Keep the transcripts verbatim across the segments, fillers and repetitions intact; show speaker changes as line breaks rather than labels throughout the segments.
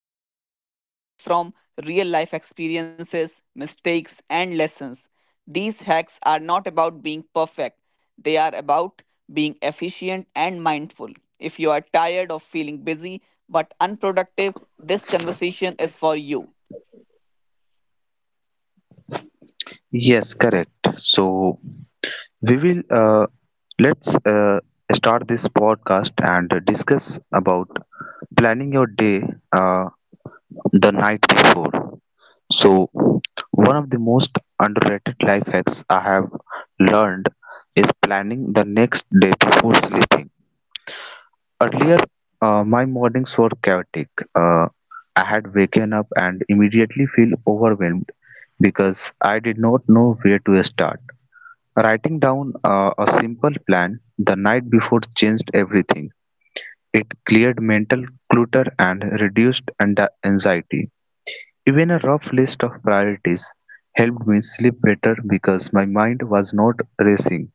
This episode is built from real life experiences, mistakes, and lessons. These hacks are not about being perfect, they are about being efficient and mindful. If you are tired of feeling busy but unproductive, this conversation is for you.
Yes, correct. So we will uh, let's uh, start this podcast and discuss about planning your day. Uh, the night before. So, one of the most underrated life hacks I have learned is planning the next day before sleeping. Earlier, uh, my mornings were chaotic. Uh, I had waken up and immediately feel overwhelmed because I did not know where to start. Writing down uh, a simple plan the night before changed everything. It cleared mental clutter and reduced and anxiety. Even a rough list of priorities helped me sleep better because my mind was not racing.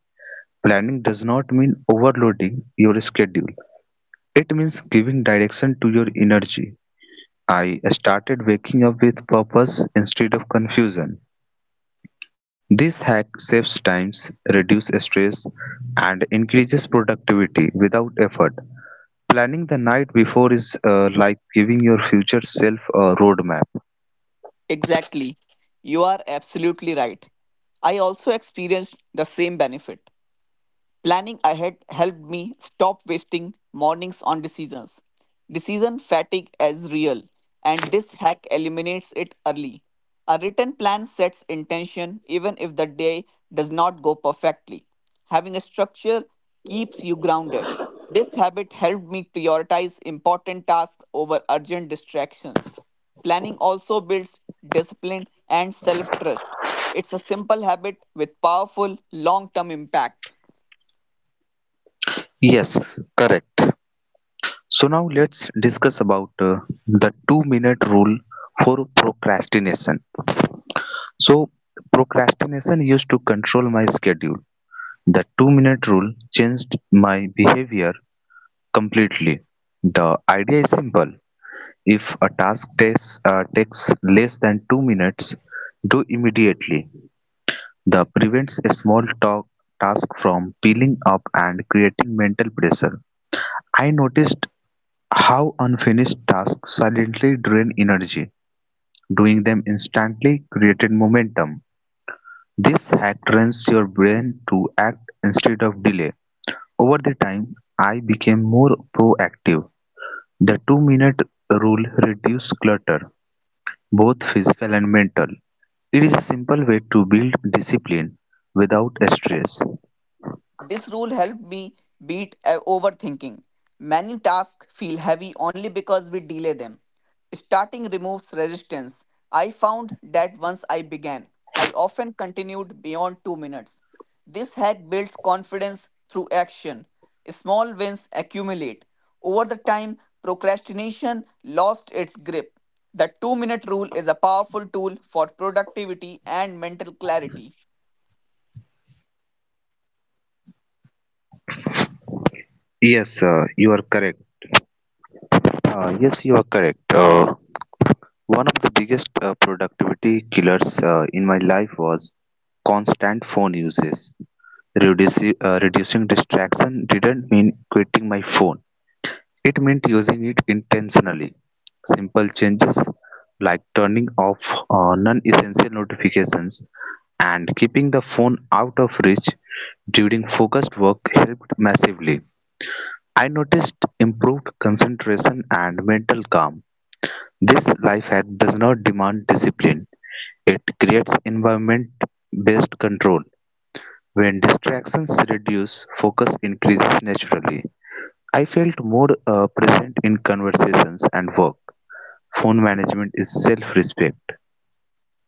Planning does not mean overloading your schedule. It means giving direction to your energy. I started waking up with purpose instead of confusion. This hack saves times, reduces stress, and increases productivity without effort. Planning the night before is uh, like giving your future self a roadmap.
Exactly. You are absolutely right. I also experienced the same benefit. Planning ahead helped me stop wasting mornings on decisions. Decision fatigue is real, and this hack eliminates it early. A written plan sets intention even if the day does not go perfectly. Having a structure keeps you grounded. This habit helped me prioritize important tasks over urgent distractions. Planning also builds discipline and self trust. It's a simple habit with powerful long term impact.
Yes, correct. So now let's discuss about uh, the two minute rule for procrastination. So procrastination used to control my schedule. The two minute rule changed my behavior completely. The idea is simple. If a task takes, uh, takes less than two minutes, do immediately. The prevents a small talk, task from peeling up and creating mental pressure. I noticed how unfinished tasks silently drain energy. Doing them instantly created momentum. This hack trains your brain to act instead of delay. Over the time, I became more proactive. The two minute rule reduced clutter, both physical and mental. It is a simple way to build discipline without stress.
This rule helped me beat uh, overthinking. Many tasks feel heavy only because we delay them. Starting removes resistance. I found that once I began, I often continued beyond two minutes. This hack builds confidence through action. Small wins accumulate. Over the time, procrastination lost its grip. The two minute rule is a powerful tool for productivity and mental clarity.
Yes, uh, you are correct. Uh, yes, you are correct. Uh, one of the biggest uh, productivity killers uh, in my life was constant phone uses. Reducing, reducing distraction didn't mean quitting my phone. It meant using it intentionally. Simple changes like turning off uh, non essential notifications and keeping the phone out of reach during focused work helped massively. I noticed improved concentration and mental calm. This life hack does not demand discipline, it creates environment based control. When distractions reduce, focus increases naturally. I felt more uh, present in conversations and work. Phone management is self respect.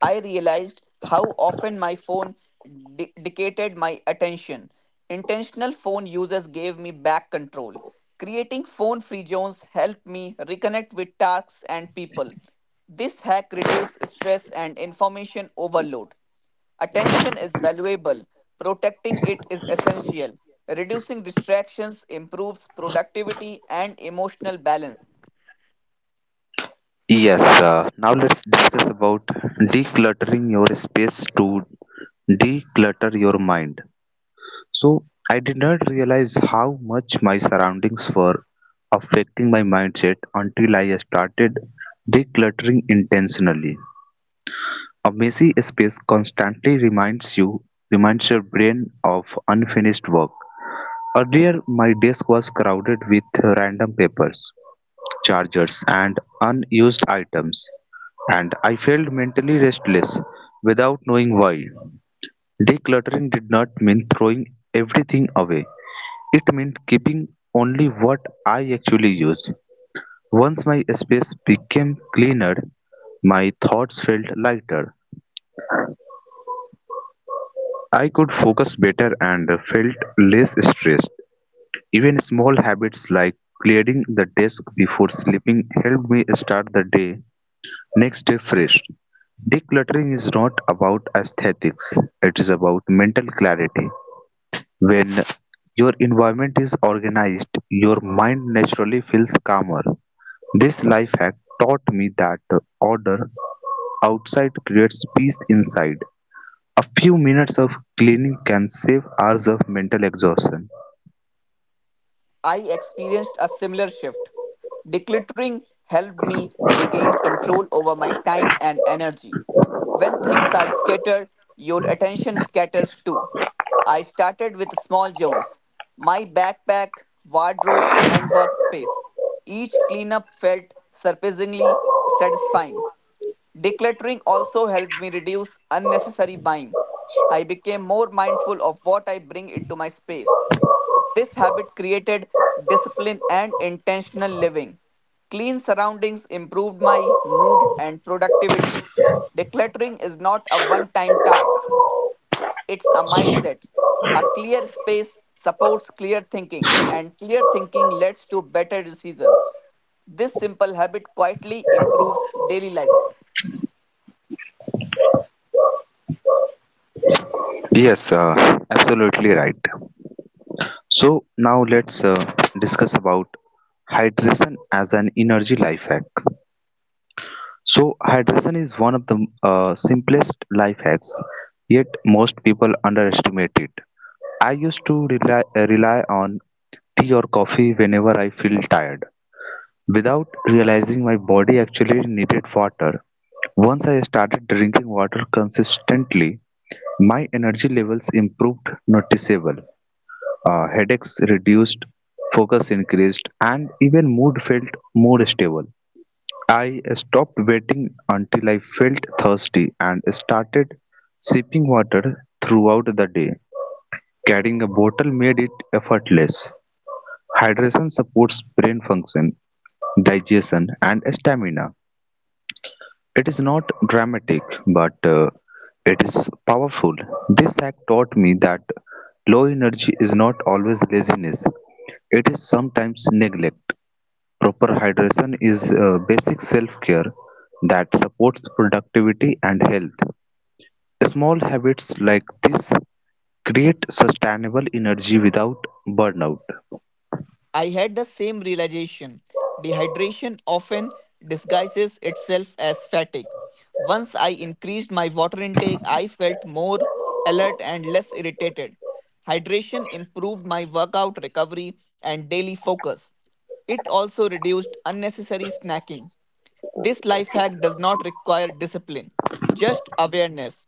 I realized how often my phone di- dictated my attention. Intentional phone users gave me back control. Creating phone free zones helped me reconnect with tasks and people. This hack reduced stress and information overload. Attention is valuable, protecting it is essential. Reducing distractions improves productivity and emotional balance.
Yes, uh, now let's discuss about decluttering your space to declutter your mind. So, I did not realize how much my surroundings were affecting my mindset until I started decluttering intentionally. A messy space constantly reminds you reminds your brain of unfinished work. Earlier, my desk was crowded with random papers, chargers, and unused items, and I felt mentally restless without knowing why. Decluttering did not mean throwing everything away. It meant keeping only what I actually use. Once my space became cleaner, my thoughts felt lighter. I could focus better and felt less stressed. Even small habits like clearing the desk before sleeping helped me start the day next day fresh. Decluttering is not about aesthetics, it is about mental clarity. When your environment is organized, your mind naturally feels calmer. This life hack taught me that order outside creates peace inside. A few minutes of cleaning can save hours of mental exhaustion.
I experienced a similar shift. Decluttering helped me regain control over my time and energy. When things are scattered, your attention scatters too. I started with small zones, my backpack, wardrobe, and workspace. Each cleanup felt surprisingly satisfying. Decluttering also helped me reduce unnecessary buying. I became more mindful of what I bring into my space. This habit created discipline and intentional living. Clean surroundings improved my mood and productivity. Decluttering is not a one time task, it's a mindset. A clear space supports clear thinking, and clear thinking leads to better decisions. This simple habit quietly improves daily life.
Yes, uh, absolutely right. So now let's uh, discuss about hydration as an energy life hack. So hydration is one of the uh, simplest life hacks, yet most people underestimate it. I used to rely, uh, rely on tea or coffee whenever I feel tired. Without realizing my body actually needed water. Once I started drinking water consistently, my energy levels improved noticeable. Uh, headaches reduced, focus increased, and even mood felt more stable. I stopped waiting until I felt thirsty and started sipping water throughout the day. Carrying a bottle made it effortless. Hydration supports brain function, digestion, and stamina. It is not dramatic, but uh, it is powerful. This hack taught me that low energy is not always laziness, it is sometimes neglect. Proper hydration is uh, basic self care that supports productivity and health. Small habits like this create sustainable energy without burnout.
I had the same realization. Dehydration often disguises itself as fatigue. Once I increased my water intake, I felt more alert and less irritated. Hydration improved my workout recovery and daily focus. It also reduced unnecessary snacking. This life hack does not require discipline, just awareness.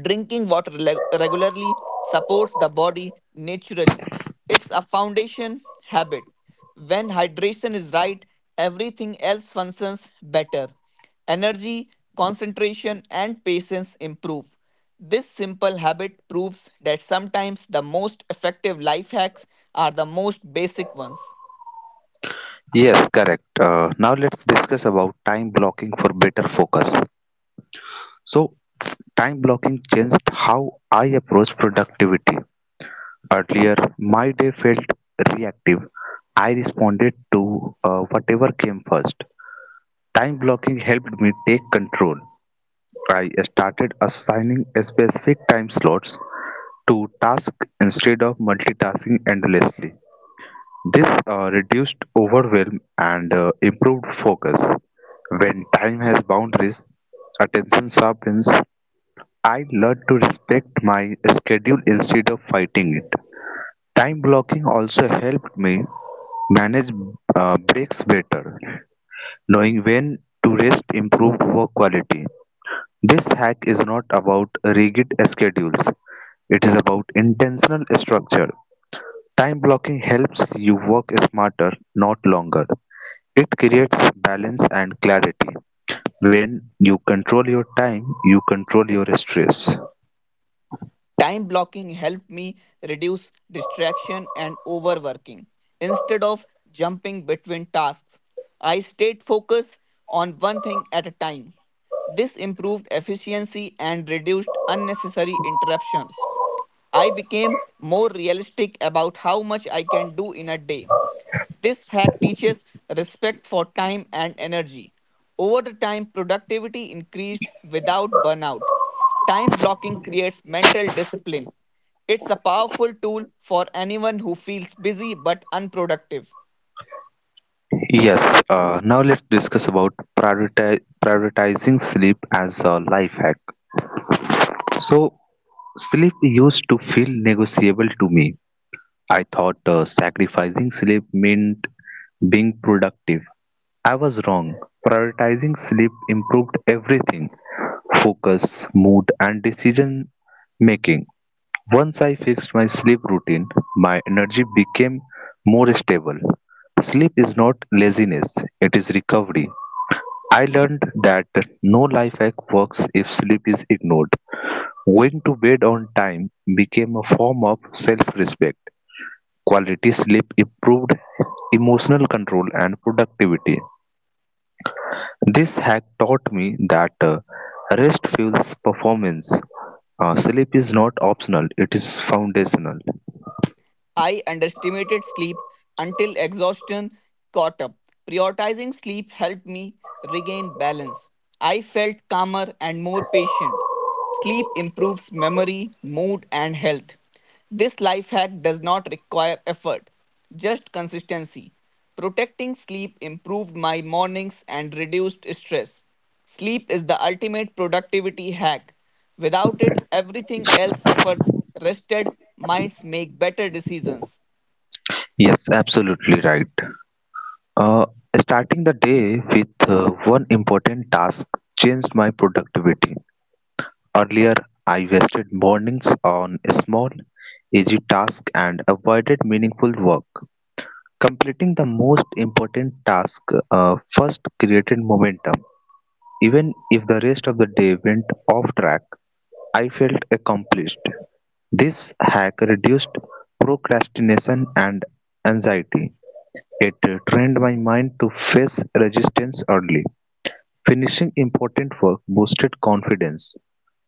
Drinking water le- regularly supports the body naturally. It's a foundation habit. When hydration is right, everything else functions better. Energy, concentration, and patience improve. This simple habit proves that sometimes the most effective life hacks are the most basic ones.
Yes, correct. Uh, now let's discuss about time blocking for better focus. So, time blocking changed how I approach productivity. Earlier, my day felt reactive. I responded to uh, whatever came first. Time blocking helped me take control. I started assigning specific time slots to tasks instead of multitasking endlessly. This uh, reduced overwhelm and uh, improved focus. When time has boundaries, attention sharpens. I learned to respect my schedule instead of fighting it. Time blocking also helped me manage uh, breaks better. Knowing when to rest improved work quality. This hack is not about rigid schedules, it is about intentional structure. Time blocking helps you work smarter, not longer. It creates balance and clarity. When you control your time, you control your stress.
Time blocking helped me reduce distraction and overworking. Instead of jumping between tasks, I stayed focused on one thing at a time. This improved efficiency and reduced unnecessary interruptions. I became more realistic about how much I can do in a day. This hack teaches respect for time and energy. Over the time, productivity increased without burnout. Time blocking creates mental discipline. It's a powerful tool for anyone who feels busy but unproductive.
Yes, uh, now let's discuss about prioriti- prioritizing sleep as a life hack. So, sleep used to feel negotiable to me. I thought uh, sacrificing sleep meant being productive. I was wrong. Prioritizing sleep improved everything: focus, mood, and decision making. Once I fixed my sleep routine, my energy became more stable. Sleep is not laziness, it is recovery. I learned that no life hack works if sleep is ignored. Going to bed on time became a form of self respect. Quality sleep improved emotional control and productivity. This hack taught me that uh, rest fuels performance. Uh, sleep is not optional, it is foundational.
I underestimated sleep until exhaustion caught up. Prioritizing sleep helped me regain balance. I felt calmer and more patient. Sleep improves memory, mood, and health. This life hack does not require effort, just consistency. Protecting sleep improved my mornings and reduced stress. Sleep is the ultimate productivity hack. Without it, everything else suffers. Rested minds make better decisions.
Yes, absolutely right. Uh, Starting the day with uh, one important task changed my productivity. Earlier I wasted mornings on small, easy tasks and avoided meaningful work. Completing the most important task uh, first created momentum. Even if the rest of the day went off track, I felt accomplished. This hack reduced procrastination and anxiety. It trained my mind to face resistance early. Finishing important work boosted confidence.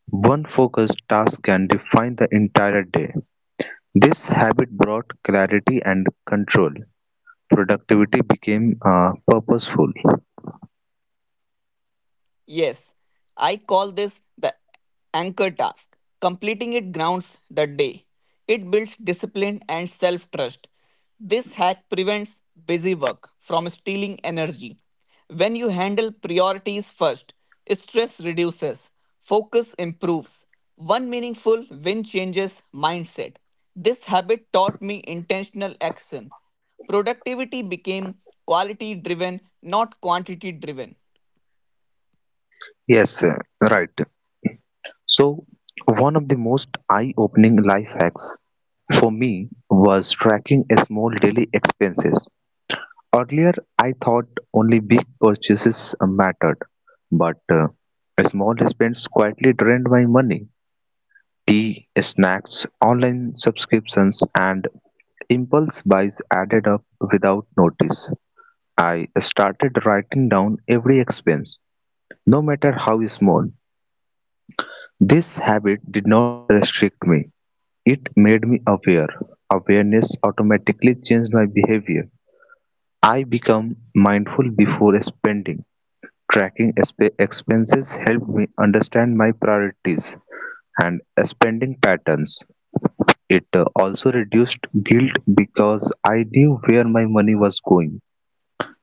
One focused task can define the entire day; this habit brought clarity and control. Productivity became uh, purposeful.
Yes, I call this the anchor task. Completing it grounds the day. It builds discipline and self trust. This hack prevents busy work from stealing energy. When you handle priorities first, stress reduces, focus improves. One meaningful win changes mindset. This habit taught me intentional action. Productivity became quality driven, not quantity driven.
Yes, uh, right. So, one of the most eye opening life hacks for me was tracking a small daily expenses. Earlier, I thought only big purchases uh, mattered, but uh, small spends quietly drained my money. Tea, snacks, online subscriptions, and Impulse buys added up without notice. I started writing down every expense, no matter how small. This habit did not restrict me, it made me aware. Awareness automatically changed my behavior. I become mindful before spending. Tracking exp- expenses helped me understand my priorities and spending patterns. It uh, also reduced guilt because I knew where my money was going.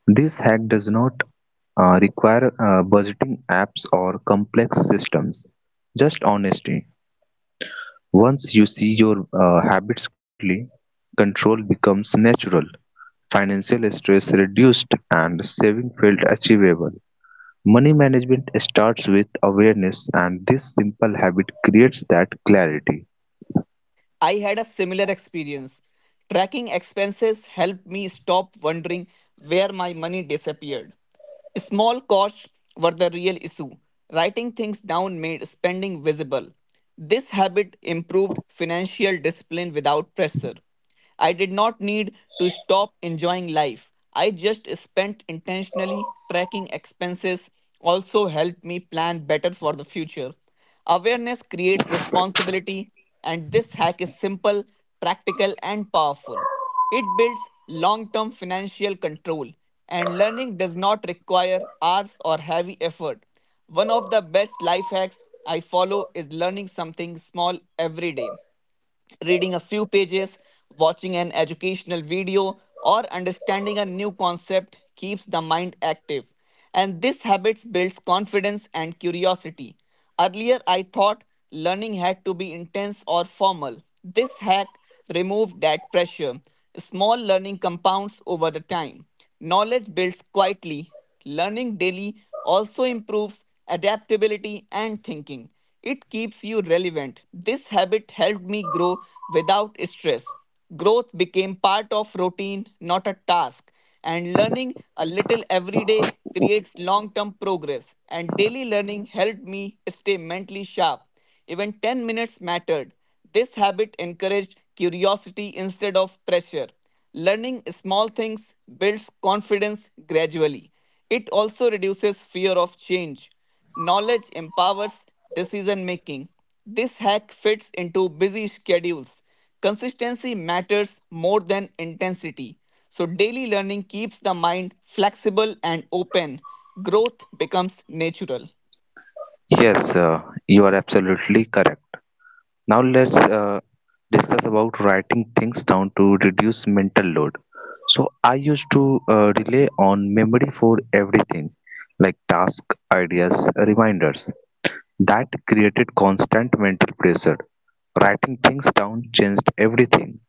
This hack does not uh, require uh, budgeting apps or complex systems, just honesty. Once you see your uh, habits clearly, control becomes natural, financial stress reduced, and saving felt achievable. Money management starts with awareness, and this simple habit creates that clarity.
I had a similar experience. Tracking expenses helped me stop wondering where my money disappeared. Small costs were the real issue. Writing things down made spending visible. This habit improved financial discipline without pressure. I did not need to stop enjoying life. I just spent intentionally tracking expenses, also helped me plan better for the future. Awareness creates responsibility, and this hack is simple, practical, and powerful. It builds long term financial control, and learning does not require hours or heavy effort. One of the best life hacks I follow is learning something small every day, reading a few pages, watching an educational video, or understanding a new concept keeps the mind active. And this habit builds confidence and curiosity. Earlier, I thought learning had to be intense or formal. This hack removed that pressure. Small learning compounds over the time. Knowledge builds quietly. Learning daily also improves adaptability and thinking. It keeps you relevant. This habit helped me grow without stress. Growth became part of routine, not a task. And learning a little every day creates long term progress. And daily learning helped me stay mentally sharp. Even ten minutes mattered. This habit encouraged curiosity instead of pressure. Learning small things builds confidence gradually. It also reduces fear of change. Knowledge empowers decision making. This hack fits into busy schedules. Consistency matters more than intensity. So, daily learning keeps the mind flexible and open. Growth becomes natural.
Yes, uh, you are absolutely correct. Now let's uh, discuss about writing things down to reduce mental load. So I used to uh, rely on memory for everything, like task, ideas, reminders. That created constant mental pressure. Writing things down changed everything.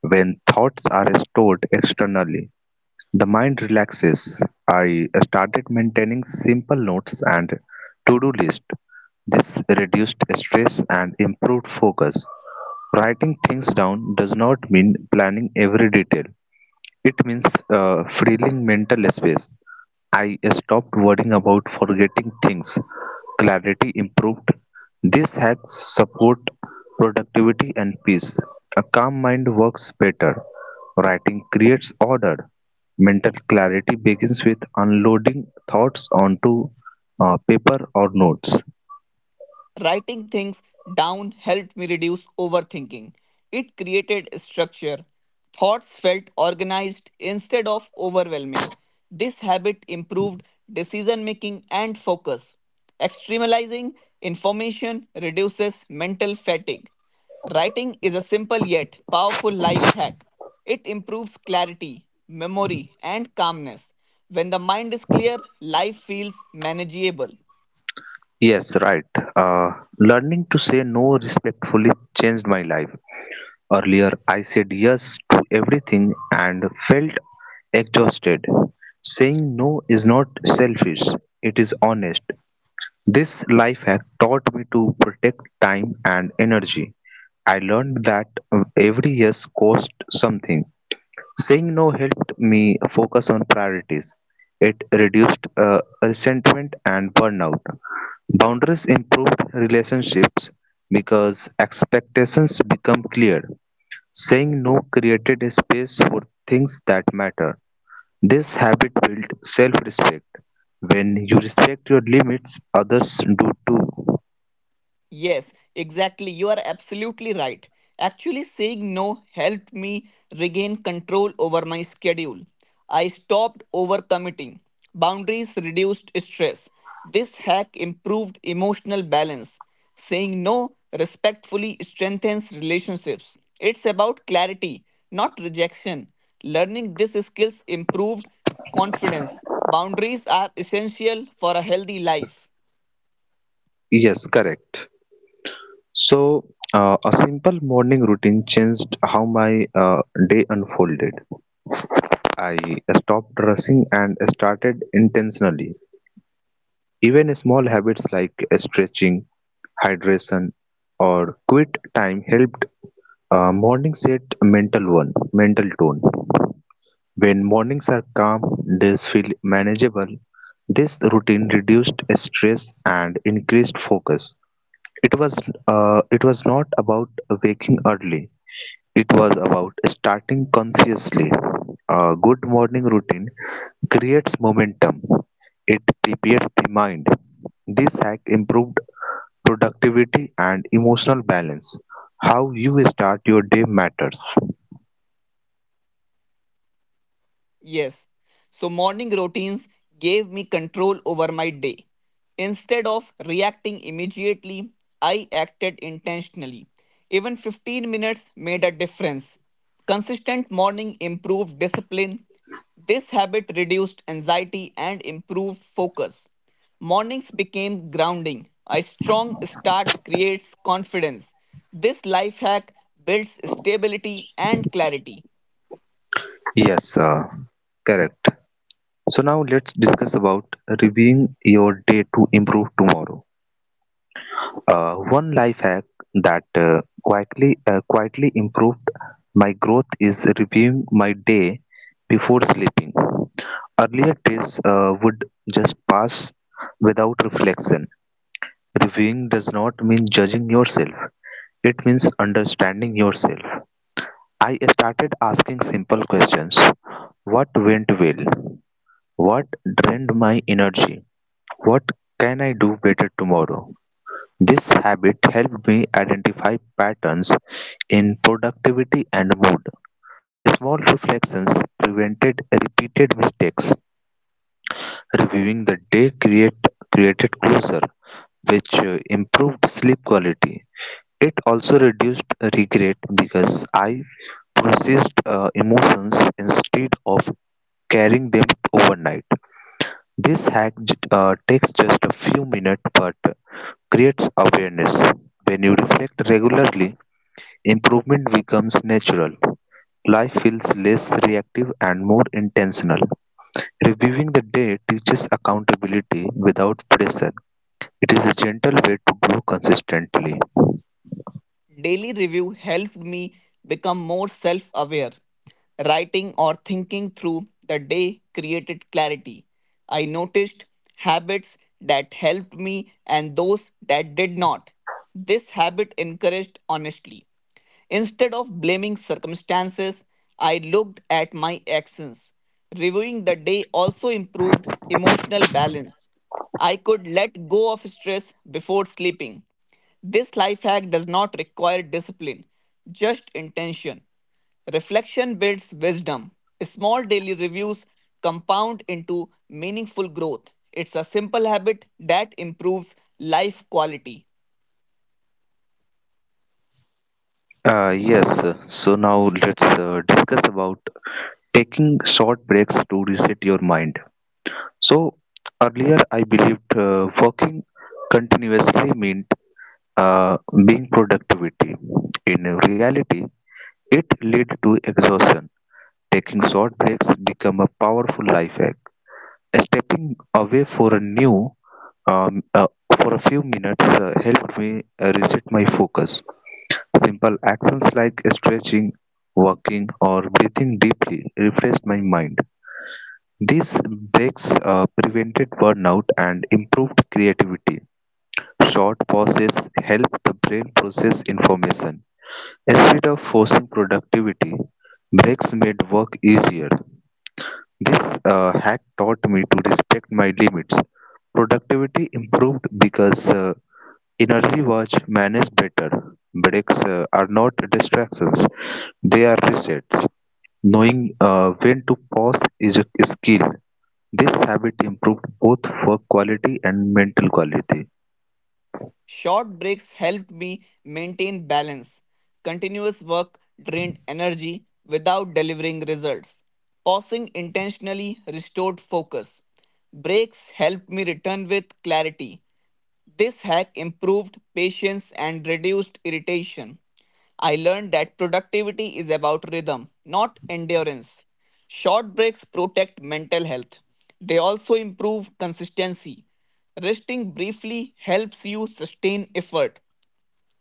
When thoughts are stored externally, the mind relaxes. I started maintaining simple notes and to-do list. This reduced stress and improved focus. Writing things down does not mean planning every detail. It means uh, freeing mental space. I stopped worrying about forgetting things, clarity improved. These hacks support productivity and peace. A calm mind works better. Writing creates order. Mental clarity begins with unloading thoughts onto uh, paper or notes.
Writing things down helped me reduce overthinking. It created structure. Thoughts felt organized instead of overwhelming. This habit improved decision making and focus. Externalizing information reduces mental fatigue. Writing is a simple yet powerful life hack. It improves clarity, memory, and calmness. When the mind is clear, life feels manageable.
Yes, right. Uh, Learning to say no respectfully changed my life. Earlier I said yes to everything and felt exhausted. Saying no is not selfish, it is honest. This life hack taught me to protect time and energy. I learned that every yes cost something. Saying no helped me focus on priorities. It reduced uh, resentment and burnout. Boundaries improved relationships because expectations become clear. Saying no created a space for things that matter. This habit built self respect. When you respect your limits, others do too.
Yes, exactly. You are absolutely right. Actually, saying no helped me regain control over my schedule. I stopped overcommitting. Boundaries reduced stress. This hack improved emotional balance. Saying no respectfully strengthens relationships. It's about clarity, not rejection. Learning these skills improved confidence. Boundaries are essential for a healthy life.
Yes, correct. So, uh, a simple morning routine changed how my uh, day unfolded. I stopped rushing and started intentionally. Even small habits like stretching, hydration, or quit time helped uh, morning set a mental one, mental tone. When mornings are calm, days feel manageable. This routine reduced stress and increased focus. It was uh, it was not about waking early. It was about starting consciously. A good morning routine creates momentum. It prepares the mind. This hack improved productivity and emotional balance. How you start your day matters.
Yes. So morning routines gave me control over my day. Instead of reacting immediately, I acted intentionally. Even fifteen minutes made a difference. Consistent morning improved discipline. This habit reduced anxiety and improved focus. Mornings became grounding. A strong start creates confidence. This life hack builds stability and clarity.
Yes, uh, correct. So now let's discuss about reviewing your day to improve tomorrow. Uh, one life hack that uh, quietly uh, quietly improved my growth is reviewing my day before sleeping. Earlier days uh, would just pass without reflection. Reviewing does not mean judging yourself. It means understanding yourself. I started asking simple questions. What went well? What drained my energy? What can I do better tomorrow? This habit helped me identify patterns in productivity and mood. Small reflections prevented repeated mistakes. Reviewing the day create, created closure, which uh, improved sleep quality. It also reduced regret because I processed uh, emotions instead of carrying them overnight. This hack j- uh, takes just a few minutes, but creates awareness. When you reflect regularly, improvement becomes natural. Life feels less reactive and more intentional. Reviewing the day teaches accountability without pressure. It is a gentle way to grow consistently.
Daily review helped me become more self aware. Writing or thinking through the day created clarity. I noticed habits that helped me and those that did not. This habit encouraged honesty. Instead of blaming circumstances, I looked at my actions. Reviewing the day also improved emotional balance. I could let go of stress before sleeping. This life hack does not require discipline, just intention. Reflection builds wisdom. Small daily reviews compound into meaningful growth. It's a simple habit that improves life quality.
Uh, yes, so now let's uh, discuss about taking short breaks to reset your mind. So, earlier I believed uh, working continuously meant uh, being productivity. In reality, it led to exhaustion; taking short breaks became a powerful life hack; stepping away for a new um, uh, for a few minutes uh, helped me uh, reset my focus. Simple actions like stretching, walking, or breathing deeply refreshed my mind. These breaks uh, prevented burnout and improved creativity. Short pauses help the brain process information. Instead of forcing productivity, breaks made work easier. This uh, hack taught me to respect my limits. Productivity improved because uh, energy was managed better. Breaks uh, are not distractions, they are resets. Knowing uh, when to pause is a skill. This habit improved both work quality and mental quality.
Short breaks helped me maintain balance. Continuous work drained energy without delivering results. Pausing intentionally restored focus. Breaks helped me return with clarity. This hack improved patience and reduced irritation. I learned that productivity is about rhythm, not endurance. Short breaks protect mental health. They also improve consistency. Resting briefly helps you sustain effort.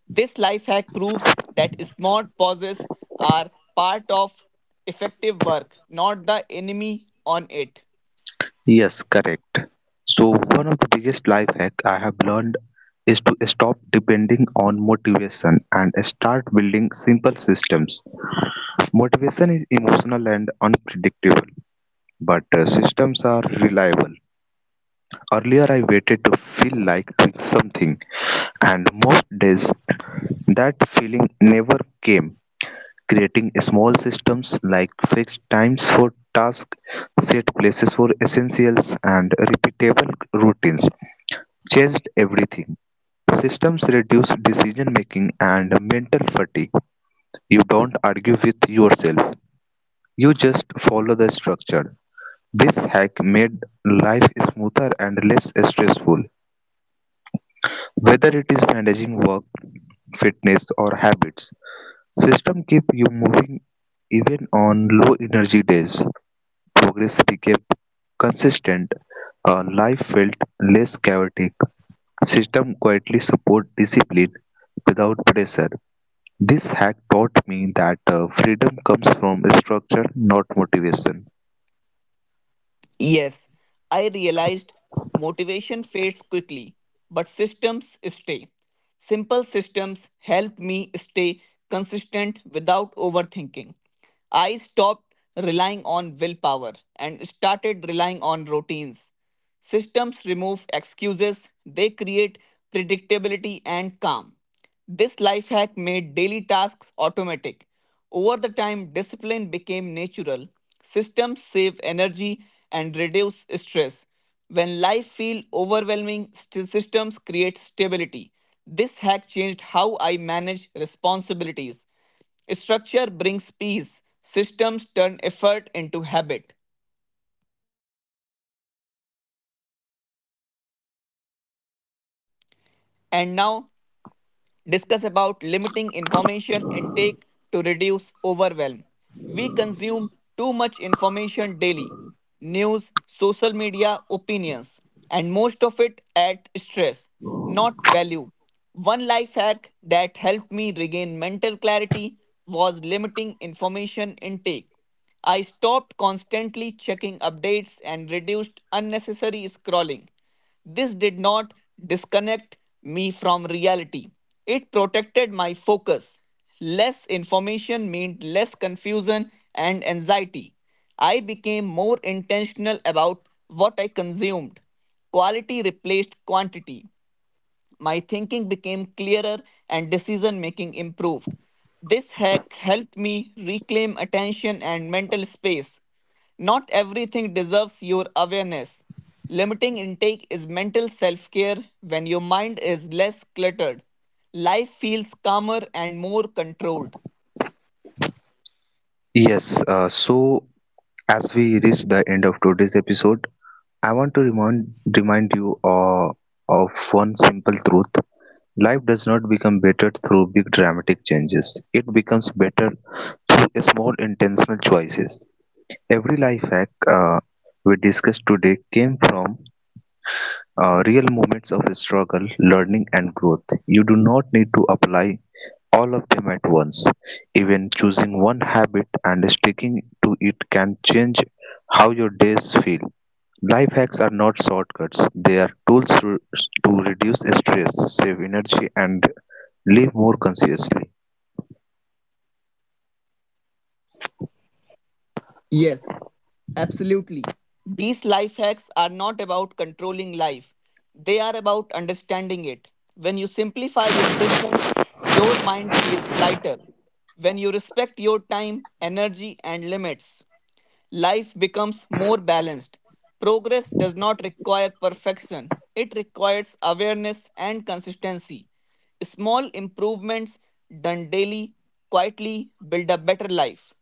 This life hack proves that smart pauses are part of effective work, not the enemy on it.
Yes, correct. So, one of the biggest life hack I have learned is to stop depending on motivation and start building simple systems. Motivation is emotional and unpredictable, but uh, systems are reliable. Earlier, I waited to feel like doing something, and most days that feeling never came. Creating small systems like fixed times for tasks, set places for essentials, and repeatable routines changed everything. Systems reduce decision making and mental fatigue. You don't argue with yourself, you just follow the structure. This hack made life smoother and less stressful, whether it is managing work, fitness, or habits. System keep you moving even on low energy days. Progress became consistent. Uh, life felt less chaotic. System quietly support discipline without pressure. This hack taught me that uh, freedom comes from structure, not motivation.
Yes, I realized motivation fades quickly, but systems stay. Simple systems help me stay consistent without overthinking. I stopped relying on willpower and started relying on routines. Systems remove excuses, they create predictability and calm. This life hack made daily tasks automatic. Over the time, discipline became natural. Systems save energy and reduce stress. When life feels overwhelming, st- systems create stability. This hack changed how manage responsibilities. Structure brings peace. Systems turn effort into habit. And now discuss about limiting information intake to reduce overwhelm. We consume too much information daily, news, social media, opinions, and most of it at stress, not value. One life hack that helped me regain mental clarity was limiting information intake. I stopped constantly checking updates and reduced unnecessary scrolling. This did not disconnect me from reality. It protected my focus. Less information meant less confusion and anxiety. I became more intentional about what I consumed. Quality replaced quantity. My thinking became clearer and decision making improved. This hack helped me reclaim attention and mental space. Not everything deserves your awareness. Limiting intake is mental self care when your mind is less cluttered. Life feels calmer and more controlled.
Yes, uh, so as we reach the end of today's episode, I want to remind, remind you uh, of one simple truth. Life does not become better through big dramatic changes. It becomes better through small intentional choices. Every life hack uh, we discussed today came from uh, real moments of struggle, learning, and growth. You do not need to apply all of them at once. Even choosing one habit and sticking to it can change how your days feel. Life hacks are not shortcuts, they are tools to to reduce stress, save energy, and live more consciously.
Yes, absolutely. These life hacks are not about controlling life, they are about understanding it. When you simplify your systems, your mind feels lighter. When you respect your time, energy, and limits, life becomes more balanced. Progress does not require perfection, it requires awareness and consistency. Small improvements done daily quietly build a better life.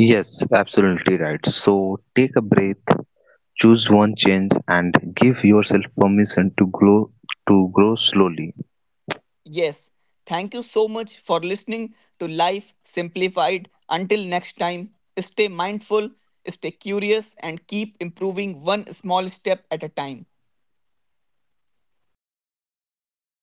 Yes, absolutely right. So take a breath, choose one change, and give yourself permission to grow to grow slowly.
Yes, thank you so much for listening to Life Simplified. Until next time, stay mindful, stay curious, and keep improving one small step at a time.